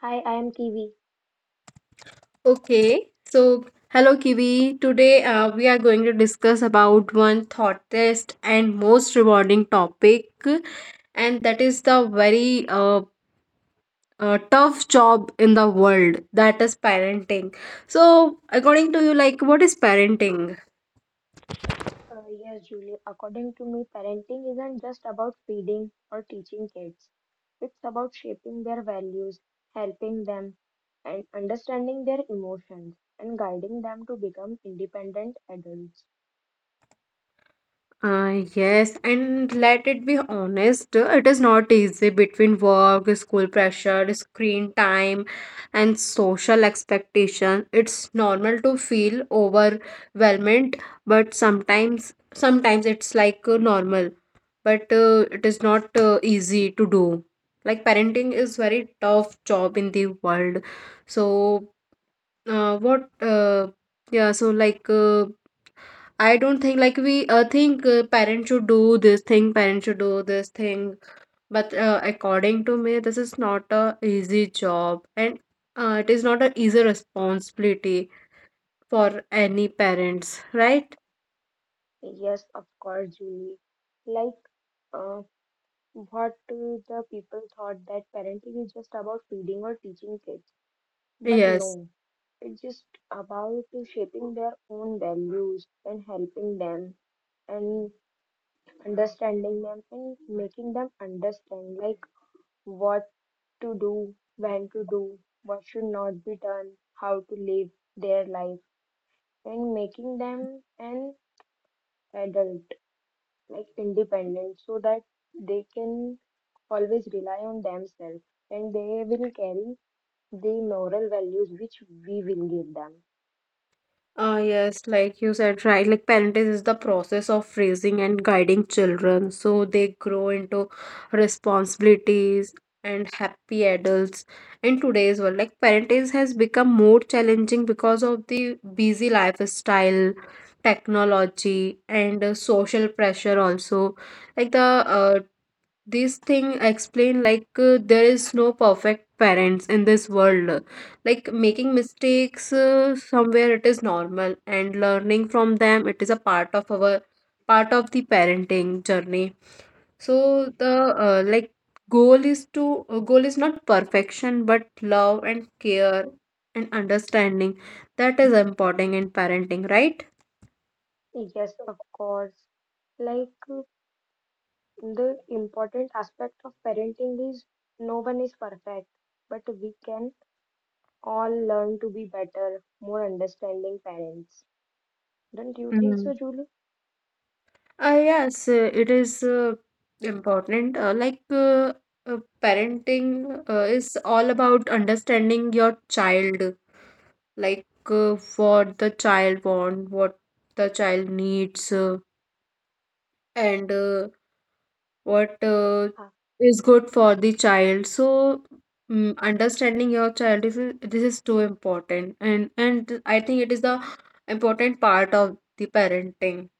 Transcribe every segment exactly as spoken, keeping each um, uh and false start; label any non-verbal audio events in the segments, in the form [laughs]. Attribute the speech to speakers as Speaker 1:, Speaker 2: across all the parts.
Speaker 1: Hi, I am Kiwi.
Speaker 2: okay. So, hello Kiwi. Today uh, we are going to discuss about one thought test and most rewarding topic, and that is the very uh, uh, tough job in the world, that is parenting. So, according to you, like what is parenting?
Speaker 1: Uh, yes, Julie. According to me, parenting isn't just about feeding or teaching kids. It's about shaping their values, helping them, and understanding their emotions, and guiding them to become independent adults.
Speaker 2: Uh, yes, and let it be honest, uh, it is not easy. Between work, school pressure, screen time, and social expectation, it's normal to feel overwhelmed, but sometimes, sometimes it's like uh, normal, but uh, it is not uh, easy to do. Like parenting is very tough job in the world. So, uh, what, uh, yeah, so like. Uh, I don't think like we uh, think uh, parents should do this thing, parents should do this thing. But uh, according to me, this is not a easy job, and uh, it is not an easy responsibility for any parents, right?
Speaker 1: Yes, of course, Julie. Like, uh, what uh, the people thought that parenting is just about feeding or teaching kids. But
Speaker 2: Yes.
Speaker 1: no, it's just about shaping their own values and helping them and understanding them and making them understand like what to do, when to do, what should not be done, how to live their life and making them an adult, like independent so that they can always rely on themselves and they will carry the moral values which we will give them.
Speaker 2: Uh, yes, like you said, right? Like parenting is the process of raising and guiding children so they grow into responsibilities and happy adults. In today's world, like parenting has become more challenging because of the busy lifestyle, technology, and uh, social pressure also. Like the uh, this thing explain like uh, there is no perfect parents in this world. Like making mistakes uh, somewhere, it is normal, and learning from them, it is a part of our part of the parenting journey. So the uh, like goal is to uh, goal is not perfection, but love and care and understanding, that is important in parenting, right?
Speaker 1: Yes, of course. Like uh, the important aspect of parenting is no one is perfect, but we can all learn to be better, more understanding parents. Don't you think so, Julie?
Speaker 2: Uh, yes, uh, it is uh, important. Uh, like uh, uh, parenting uh, is all about understanding your child, like uh, what the child want, what the child needs, uh, and uh, what uh,
Speaker 1: Ah,
Speaker 2: is good for the child. So, mm, understanding your child is this is too important, and and I think it is the important part of the parenting.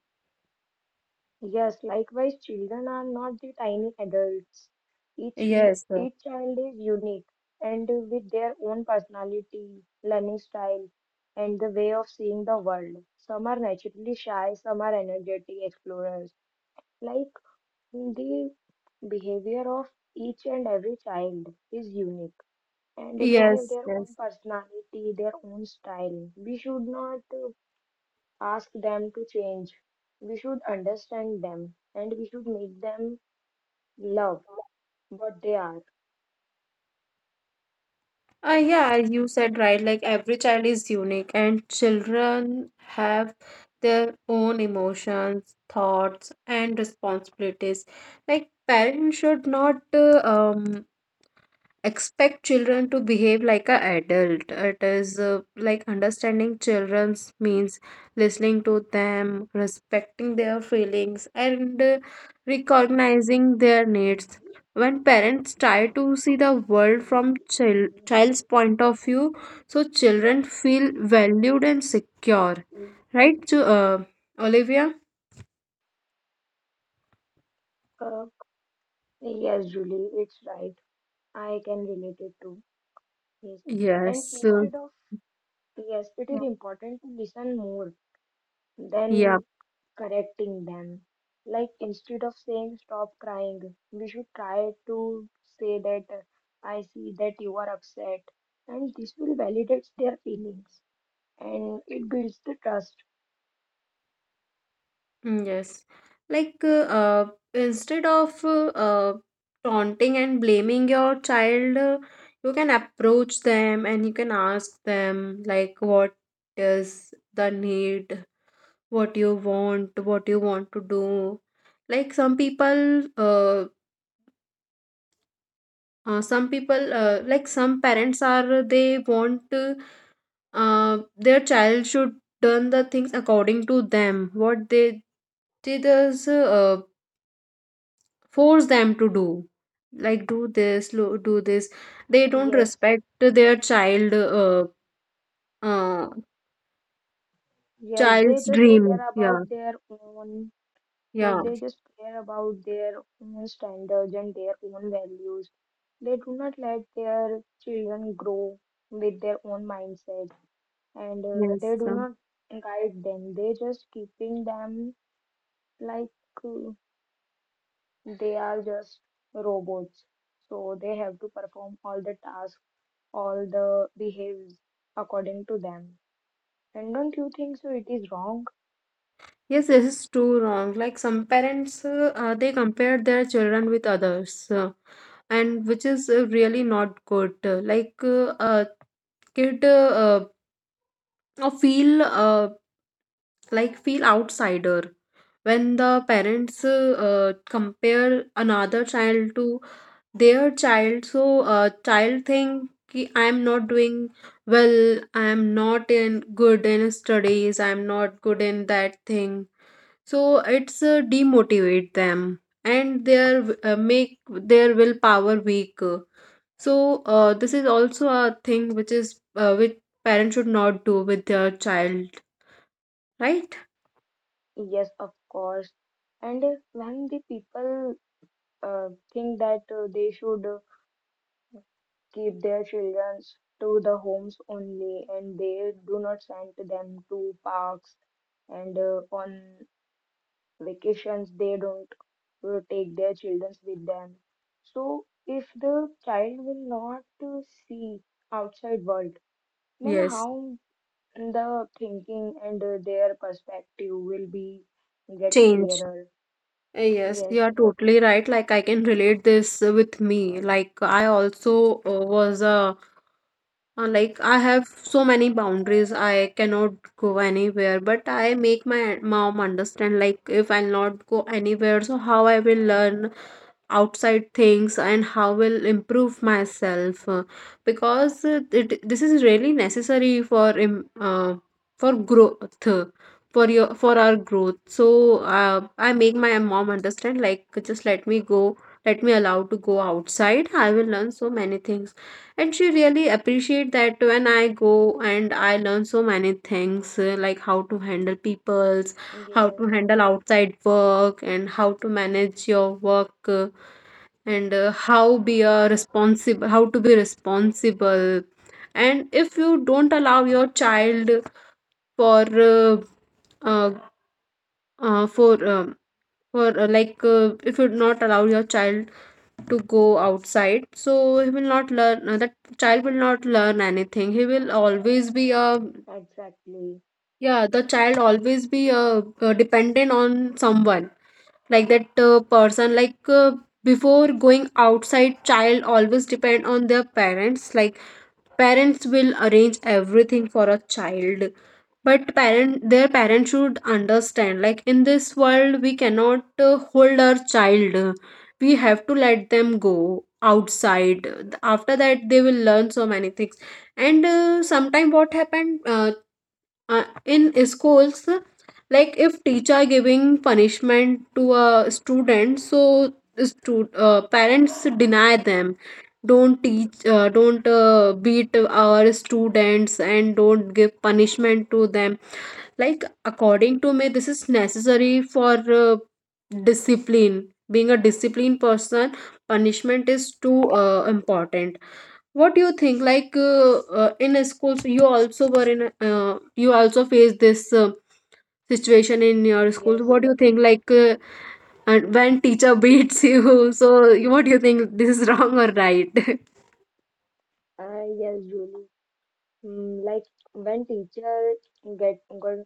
Speaker 1: yes, likewise, children are not the tiny adults. Each, l-
Speaker 2: Yes, uh,
Speaker 1: each child is unique and with their own personality, learning style, and the way of seeing the world. Some are naturally shy, some are energetic explorers. Like the behavior of each and every child is unique and they have
Speaker 2: yes,
Speaker 1: their own
Speaker 2: yes.
Speaker 1: personality, their own style. We should not uh, ask them to change. We should understand them and we should make them love what they are.
Speaker 2: Uh, yeah, you said right. Like every child is unique, and children have their own emotions, thoughts, and responsibilities. Like parents should not uh, um expect children to behave like an adult. It is uh, like understanding children's means listening to them, respecting their feelings, and uh, recognizing their needs. When parents try to see the world from child, child's point of view, so children feel valued and secure. Right, Ju- uh, Olivia?
Speaker 1: Uh, yes, Julie, it's right. I can relate it too. Yes. And
Speaker 2: Yes. Uh,
Speaker 1: instead of yes, it is important to listen more
Speaker 2: yeah.
Speaker 1: than correcting them. Like instead of saying stop crying, we should try to say that I see that you are upset, and this will validate their feelings and it builds the trust.
Speaker 2: Mm, yes, like uh, uh, instead of uh, uh, taunting and blaming your child, uh, you can approach them and you can ask them like what is the need, what you want, what you want to do. Like some people, uh, uh, some people, uh, like some parents are, they want uh, uh, their child should done the things according to them, what they did us force them to do, like do this lo- do this. They don't
Speaker 1: Yes,
Speaker 2: respect their child uh, uh
Speaker 1: yes, they
Speaker 2: child's
Speaker 1: just
Speaker 2: dream.
Speaker 1: care about
Speaker 2: Yeah,
Speaker 1: their own. Yes,
Speaker 2: yeah,
Speaker 1: they just care about their own standards and their own values. They do not let their children grow with their own mindset and uh,
Speaker 2: yes,
Speaker 1: they do
Speaker 2: um,
Speaker 1: not guide them. They just keeping them like uh, they are just robots. So they have to perform all the tasks, all the behaves according to them. And don't you think so? It is wrong.
Speaker 2: yes, this is too wrong. Like some parents uh, uh, they compare their children with others, uh, and which is uh, really not good. Uh, like uh, a kid uh, uh, feel uh, like feel outsider when the parents uh, uh, compare another child to their child. So uh, child think ki I am not doing well, I am not in good in studies, I am not good in that thing. So it's uh, demotivate them, and their uh, make their willpower weak. So uh, this is also a thing which is uh, which parents should not do with their child, right?
Speaker 1: Yes, of course. And uh, when the people uh, think that uh, they should uh, keep their children to the homes only, and they do not send them to parks and uh, on vacations they don't uh, take their children with them, so if the child will not uh, see outside world then
Speaker 2: Yes,
Speaker 1: how the thinking and uh, their perspective will be get
Speaker 2: change.
Speaker 1: clearer.
Speaker 2: Uh, Yes, you
Speaker 1: Yes,
Speaker 2: are totally right. Like, I can relate this with me. Like, I also uh, was a uh, like I have so many boundaries. I cannot go anywhere, but I make my mom understand. Like, if I'll not go anywhere, so how I will learn outside things? And how will improve myself uh, because uh, it, this is really necessary for im- uh, for growth, uh, for your for our growth. So uh, I make my mom understand, like just let me go, let me allow to go outside, I will learn so many things. And she really appreciate that when I go and I learn so many things, uh, like how to handle peoples, how
Speaker 1: yes,
Speaker 2: to handle outside work, and how to manage your work, uh, and uh, how be a responsible how to be responsible. And if you don't allow your child for uh, uh, uh, for um, for uh, like uh, if you not allow your child to go outside, so he will not learn, uh, that child will not learn anything. He will always be a,
Speaker 1: exactly.
Speaker 2: yeah, the child always be a uh, dependent on someone, like that uh, person. Like uh, before going outside, child always depend on their parents, like parents will arrange everything for a child. But parent their parents should understand, like in this world we cannot uh, hold our child, we have to let them go outside. After that, they will learn so many things. And uh, sometime what happened, uh, uh, in schools, like if teacher giving punishment to a student, so stu- uh, parents deny them, don't teach, uh, don't uh, beat our students and don't give punishment to them. Like according to me, this is necessary for uh, discipline. Being a disciplined person, punishment is too uh, important. What do you think? Like uh, uh, in a schools, you also were in. A- Uh, you also faced this uh, situation in your school.
Speaker 1: yes
Speaker 2: What do you think? Like uh, and when teacher beats [laughs] you, so you- what do you think? This is wrong or right?
Speaker 1: uh, yes Julie. Mm, like when teacher get, got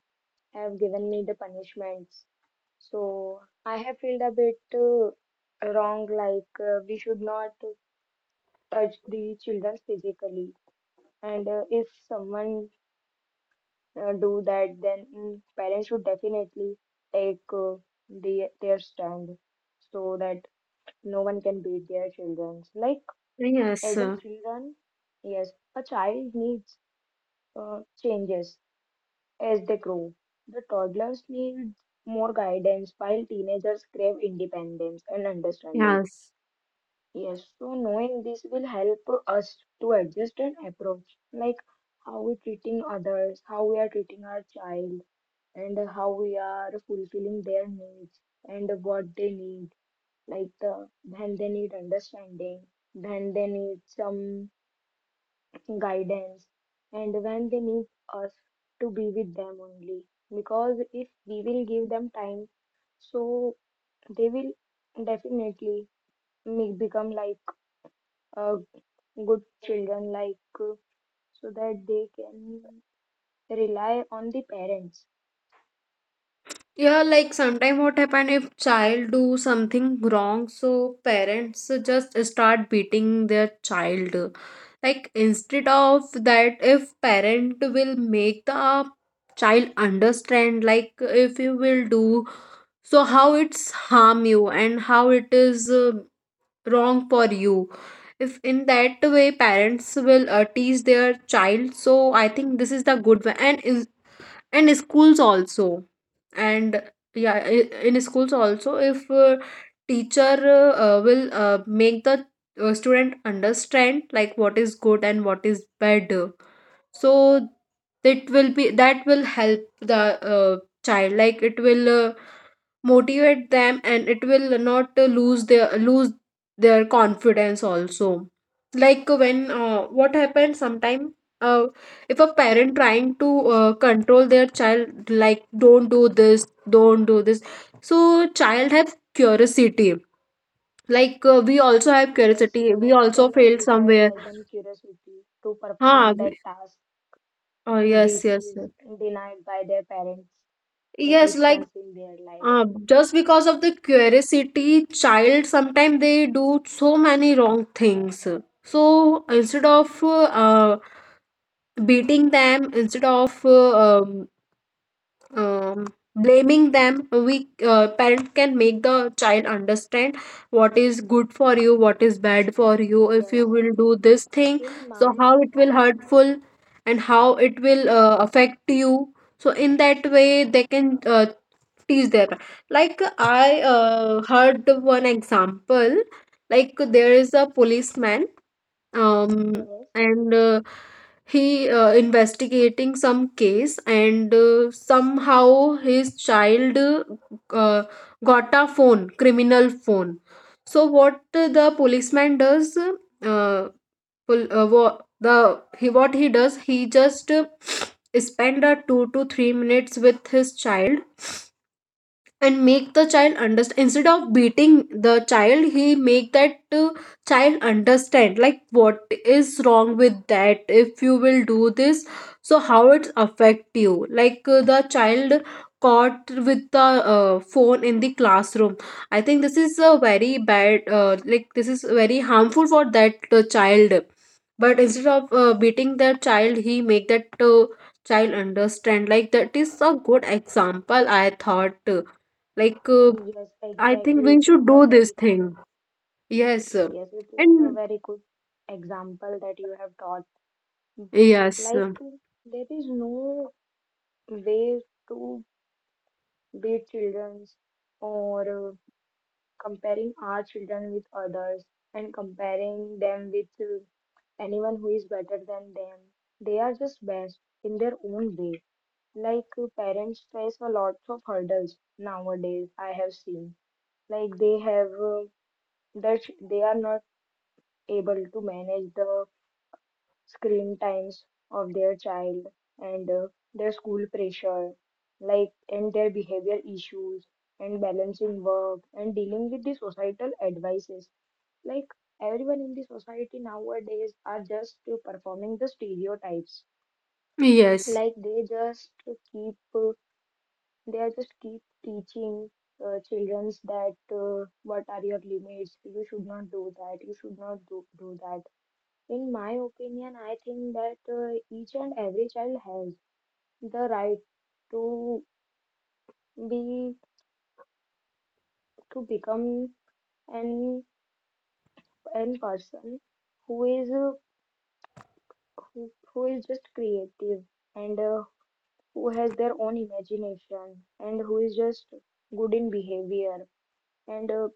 Speaker 1: have given me the punishments, so I have felt a bit uh, wrong, like uh, we should not touch the children physically. And uh, if someone uh, do that, then mm, parents should definitely take uh, the, their stand so that no one can beat their children. Like
Speaker 2: [laughs] Yes,
Speaker 1: as in
Speaker 2: uh,
Speaker 1: children, yes, a child needs uh, changes as they grow. The toddlers need more guidance, while teenagers crave independence and understanding.
Speaker 2: yes.
Speaker 1: Yes, so knowing this will help us to adjust an approach, like how we treating others, how we are treating our child, and how we are fulfilling their needs and what they need. Like the when they need understanding, when they need some guidance, and when they need us to be with them only. Because if we will give them time, so they will definitely make become like uh, good children like uh, so that they can rely on the parents.
Speaker 2: Yeah, like sometimes what happen, if child do something wrong, so parents just start beating their child. Like instead of that, if parent will make the child understand, like if you will do so, how it's harm you and how it is uh, wrong for you. If in that way parents will uh, teach their child, so I think this is the good way. And and schools also, and yeah, i- in schools also, if uh, teacher uh, will uh, make the uh, student understand, like what is good and what is bad, so that will be that will help the uh, child. Like it will uh, motivate them, and it will not uh, lose their lose their confidence also. Like when uh, what happens sometime, uh, if a parent trying to uh, control their child, like don't do this, don't do this, so child have curiosity. Like uh, we also have
Speaker 1: Yes,
Speaker 2: curiosity, we
Speaker 1: each and
Speaker 2: also failed
Speaker 1: every child
Speaker 2: somewhere,
Speaker 1: has an curiosity to
Speaker 2: huh?
Speaker 1: perform that
Speaker 2: We-
Speaker 1: task
Speaker 2: oh, yes,
Speaker 1: which
Speaker 2: yes, yes.
Speaker 1: is denied by their parents at
Speaker 2: Yes,
Speaker 1: least
Speaker 2: like
Speaker 1: once in their life.
Speaker 2: Uh, just because of the curiosity, child sometimes they do so many wrong things. So instead of uh, uh, beating them, instead of uh, um, um, blaming them, we uh, parent can make the child understand what is good for you, what is bad for you. If
Speaker 1: yes
Speaker 2: you will do this thing,
Speaker 1: in
Speaker 2: so
Speaker 1: my
Speaker 2: how it will hurtful and how it will uh, affect you. So in that way, they can uh, teach them. Like I uh, heard the one example, like there is a policeman um
Speaker 1: yes,
Speaker 2: and uh, he uh, investigating some case, and uh, somehow his child uh, got a phone criminal phone. So what the policeman does, uh, pol- uh, wha- the he what he does, he just uh, spend a two to three minutes with his child and make the child understand. Instead of beating the child, he make that uh, child understand, like what is wrong with that, if you will do this, so how it affect you. Like uh, the child caught with the uh, phone in the classroom. I think this is a very bad uh, like this is very harmful for that uh, child. But instead of uh, beating the child, he make that uh, child understand. Like that is a good example I thought, like, uh,
Speaker 1: yes,
Speaker 2: I think
Speaker 1: exactly,
Speaker 2: we
Speaker 1: it is
Speaker 2: should
Speaker 1: the
Speaker 2: do this
Speaker 1: very good.
Speaker 2: thing. Yes. uh,
Speaker 1: Yes, it is the
Speaker 2: And
Speaker 1: very good example that you have taught.
Speaker 2: yes, uh,
Speaker 1: Like there is no way to be it children's or uh, comparing our children with others and comparing them with uh, anyone who is better than them. They are just best in their own way. Like uh, parents face a lot of hurdles nowadays, I have seen. Like they have uh, that ch- they are not able to manage the screen times of their child and uh, their school pressure, like and their behavior issues and balancing work and dealing with the societal advices. Like everyone in the society nowadays are just uh, performing the stereotypes.
Speaker 2: yes.
Speaker 1: Like they just keep uh, they are just keep teaching uh, childrens that uh, what are your limits, you should not do that, you should not do, do that. In my opinion, I think that uh, each and every child has the right to be to become an an person who is uh, who, who is just creative and uh, who has their own imagination and who is just good in behavior and uh,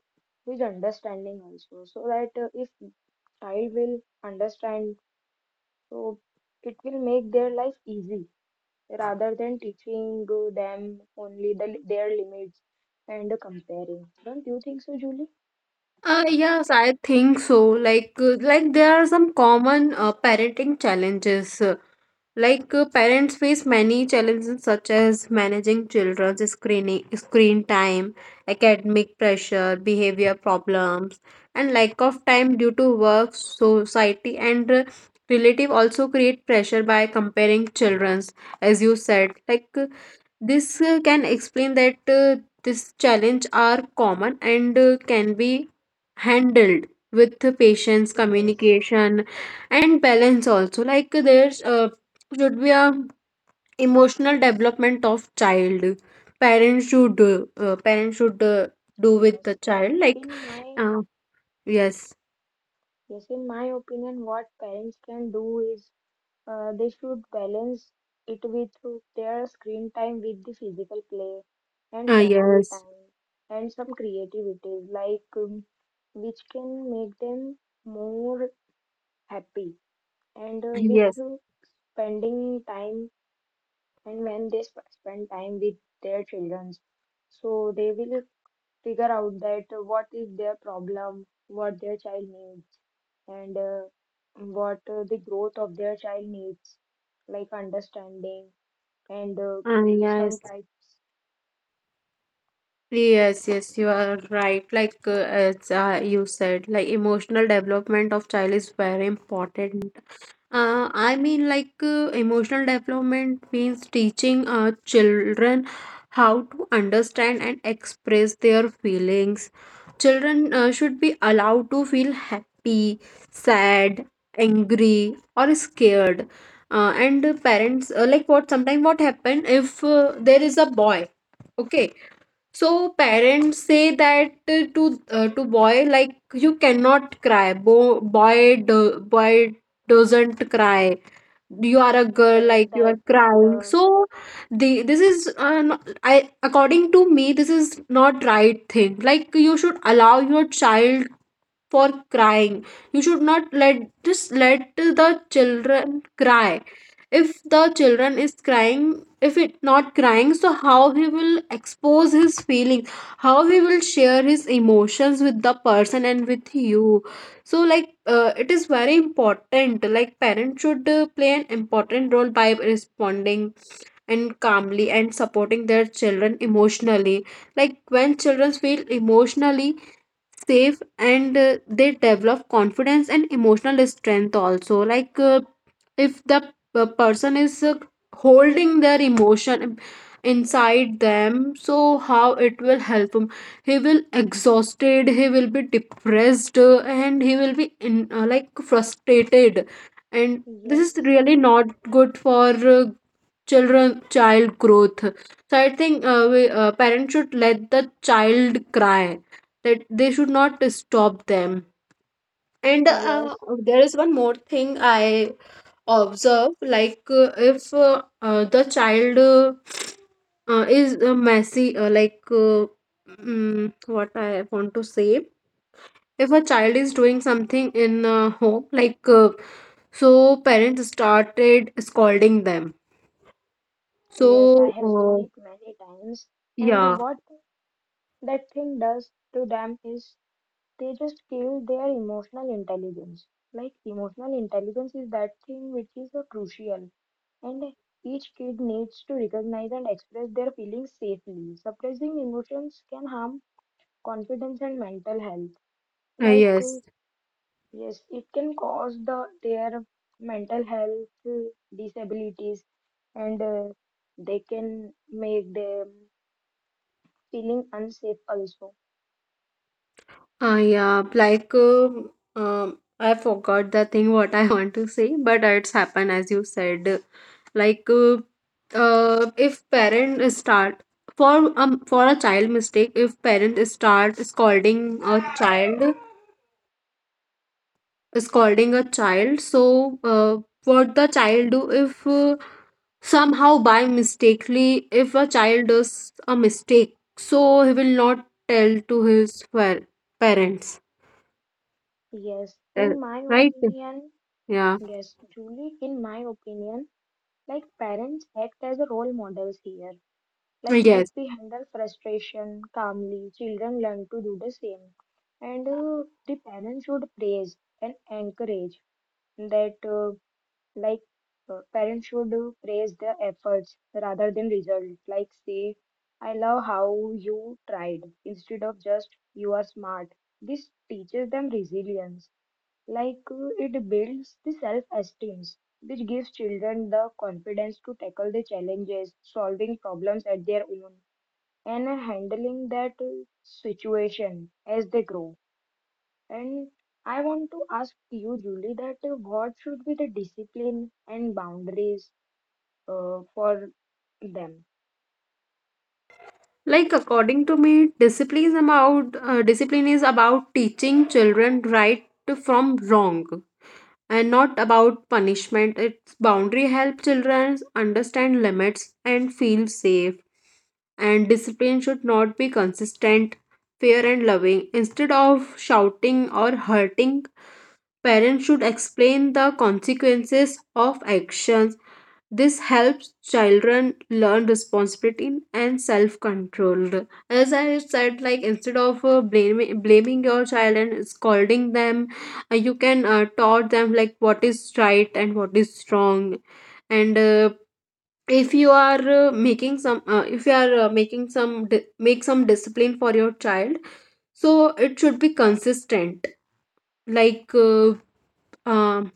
Speaker 1: who is understanding also. So that uh, if child will understand, so it will make their life easy rather than teaching them only the, their limits and comparing. Don't you think so, Julie?
Speaker 2: Uh, yes, I think so. Like, uh, like there are some common uh, parenting challenges. Uh, Like uh, parents face many challenges, such as managing children's screening, screen time, academic pressure, behavior problems, and lack of time due to work, society, and uh, relative also create pressure by comparing children's, as you said. Like uh, this uh, can explain that uh, this challenge are common and uh, can be handled with patience,
Speaker 1: Yes,
Speaker 2: communication, and balance also. Like there's uh, should be a emotional development of child. Parents should uh, uh, parents should uh, do with
Speaker 1: yes.
Speaker 2: the child, like
Speaker 1: In my
Speaker 2: uh, yes,
Speaker 1: Yes, in my opinion, what parents can do is uh, they should balance it with their screen time with the physical play and
Speaker 2: uh,
Speaker 1: family
Speaker 2: yes,
Speaker 1: time and some creativities like um, which can make them more happy and uh, with
Speaker 2: yes,
Speaker 1: spending time. And when they sp spend time with their children, so they will figure out that what is their problem, what their child needs, and uh, what uh, the growth of their child needs, like understanding and uh,
Speaker 2: uh,
Speaker 1: some
Speaker 2: yes.
Speaker 1: types.
Speaker 2: Yes, yes, you are right. Like uh, as uh, you said, like emotional development of child is very important. Uh, I mean, like uh, emotional development means teaching uh, children how to understand and express their feelings. Children uh, should be allowed to feel happy, sad, angry, or scared. Uh, and parents, uh, like what sometimes what happen if uh, there is a boy, okay, so parents say that uh, to uh, to boy, like you cannot cry. Bo- boy do- boy doesn't cry. You are a girl,
Speaker 1: Yes,
Speaker 2: like you are
Speaker 1: that's
Speaker 2: crying.
Speaker 1: the
Speaker 2: So the this is uh, no- I, according to me, this is not right thing. Like you should allow your child for crying. You should not let, just let the children cry. If the children is crying, if it not crying, so how he will expose his feelings? How he will share his emotions with the person and with you? So like uh, it is very important, like parents should uh, play an important role by responding and calmly and supporting their children emotionally. Like when children feel emotionally safe, and uh, they develop confidence and emotional strength also. Like uh, if the p- person is uh, holding their emotion inside them, so how it will help him? He will exhausted, he will be depressed, uh, and he will be in uh, like frustrated, and this is
Speaker 1: yes,
Speaker 2: really not good for uh, children child growth. So I think uh, we, uh, parents should let the child cry, that they should not stop them. And uh,
Speaker 1: yes,
Speaker 2: there is one more thing I observe. Like uh, if uh, uh, the child uh, uh, is uh, messy, uh, like uh, mm, what I want to say, if a child is doing something in uh, home, like uh, so parents started scolding them,
Speaker 1: yes. I
Speaker 2: so
Speaker 1: have seen
Speaker 2: uh,
Speaker 1: it many times, and
Speaker 2: yeah.
Speaker 1: what that thing does to them is they just killed their emotional intelligence. Like emotional intelligence is that thing which is so crucial, and each kid needs to recognize and express their feelings safely. Suppressing emotions can harm confidence and mental health.
Speaker 2: Uh,
Speaker 1: Like uh,
Speaker 2: yes.
Speaker 1: yes, it can cause the their mental health uh, disabilities, and uh, they can make them feeling unsafe also.
Speaker 2: Uh, yeah. Like, um, um, I forgot the thing what I [laughs] want to say, but it's happened as you said. Like, uh, uh, if parent start for um for a child mistake, if parent start scolding a child, scolding a child, so uh, what the child do? If uh, somehow by mistakenly if a child does a mistake, so he will not tell to his par- parents.
Speaker 1: Yes,
Speaker 2: Uh,
Speaker 1: in my
Speaker 2: right.
Speaker 1: opinion,
Speaker 2: Yeah,
Speaker 1: yes, Julie, in my opinion, like parents act as role models here. Like if
Speaker 2: yes.
Speaker 1: we handle frustration calmly, children learn to do the same. And uh, the parents should praise and encourage that, uh, like uh, parents should uh, praise their efforts rather than result. Like say, I love how you tried instead of just you are smart. This teaches them resilience. Like uh, it builds the self-esteem, which gives children the confidence to tackle the challenges, solving problems at their own, and uh, handling that uh, situation as they grow. And I want to ask you, Julie, that uh, what should be the discipline and boundaries uh, for them?
Speaker 2: Like, according to me, discipline is about uh, discipline is about teaching children right from wrong and not about punishment. Its boundary help children understand limits and feel safe, and discipline should not be consistent, fair and loving. Instead of shouting or hurting, parents should explain the consequences of actions. This helps children learn responsibility and self control. As I said, like instead of uh, blaming blaming your child and scolding them, uh, you can uh, taught them like what is right and what is wrong. And uh, if you are uh, making some, uh, if you are uh, making some di- make some discipline for your child, so it should be consistent. Like uh, um,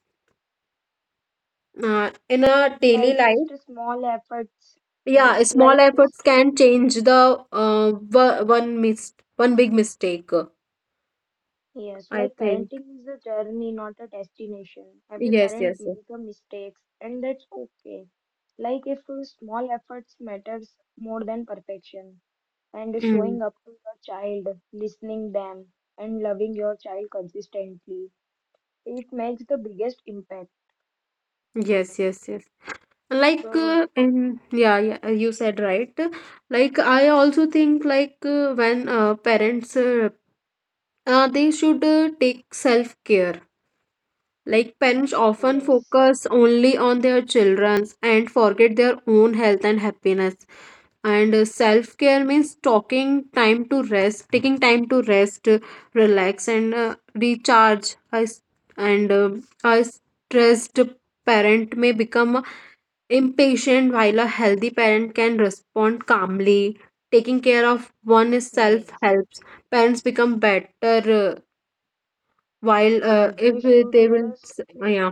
Speaker 2: uh, in our daily
Speaker 1: Like
Speaker 2: life.
Speaker 1: just a small efforts,
Speaker 2: Yeah,
Speaker 1: yes,
Speaker 2: small
Speaker 1: like just
Speaker 2: efforts
Speaker 1: uh,
Speaker 2: can change the uh, wo- one mis one big mistake, uh,
Speaker 1: yes,
Speaker 2: I
Speaker 1: like
Speaker 2: think.
Speaker 1: parenting is a journey, not a destination. Every
Speaker 2: Yes,
Speaker 1: parent
Speaker 2: yes, yes.
Speaker 1: makes mistakes, and that's okay. Like if uh, small efforts matters more than perfection, and
Speaker 2: Mm.
Speaker 1: showing up to your child, listening them, and loving your child consistently, it makes the biggest impact.
Speaker 2: Yes, yes, yes. Like
Speaker 1: So
Speaker 2: uh, and yeah, yeah, uh, you said right. Like I also think, like uh, when uh, parents uh, uh, they should uh, take self-care. Like parents often
Speaker 1: yes,
Speaker 2: focus only on their children's and forget their own health and happiness. And uh, self-care means talking time to rest, taking time to rest, uh, relax, and uh, recharge. Us and uh, A stressed parent may become impatient, while a healthy parent can respond calmly. Taking care of one's self
Speaker 1: yes,
Speaker 2: helps parents become better. Uh, while uh,
Speaker 1: yes,
Speaker 2: if
Speaker 1: they should
Speaker 2: they will,
Speaker 1: just.
Speaker 2: yeah,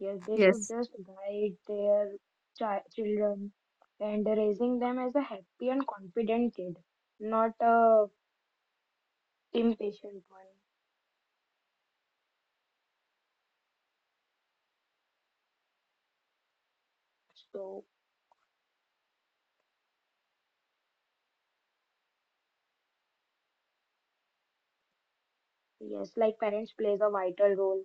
Speaker 1: Yes, they should
Speaker 2: yes.
Speaker 1: just guide their chi children and raising them as a happy and confident kid, not a impatient one. So, yes, like parents plays a vital role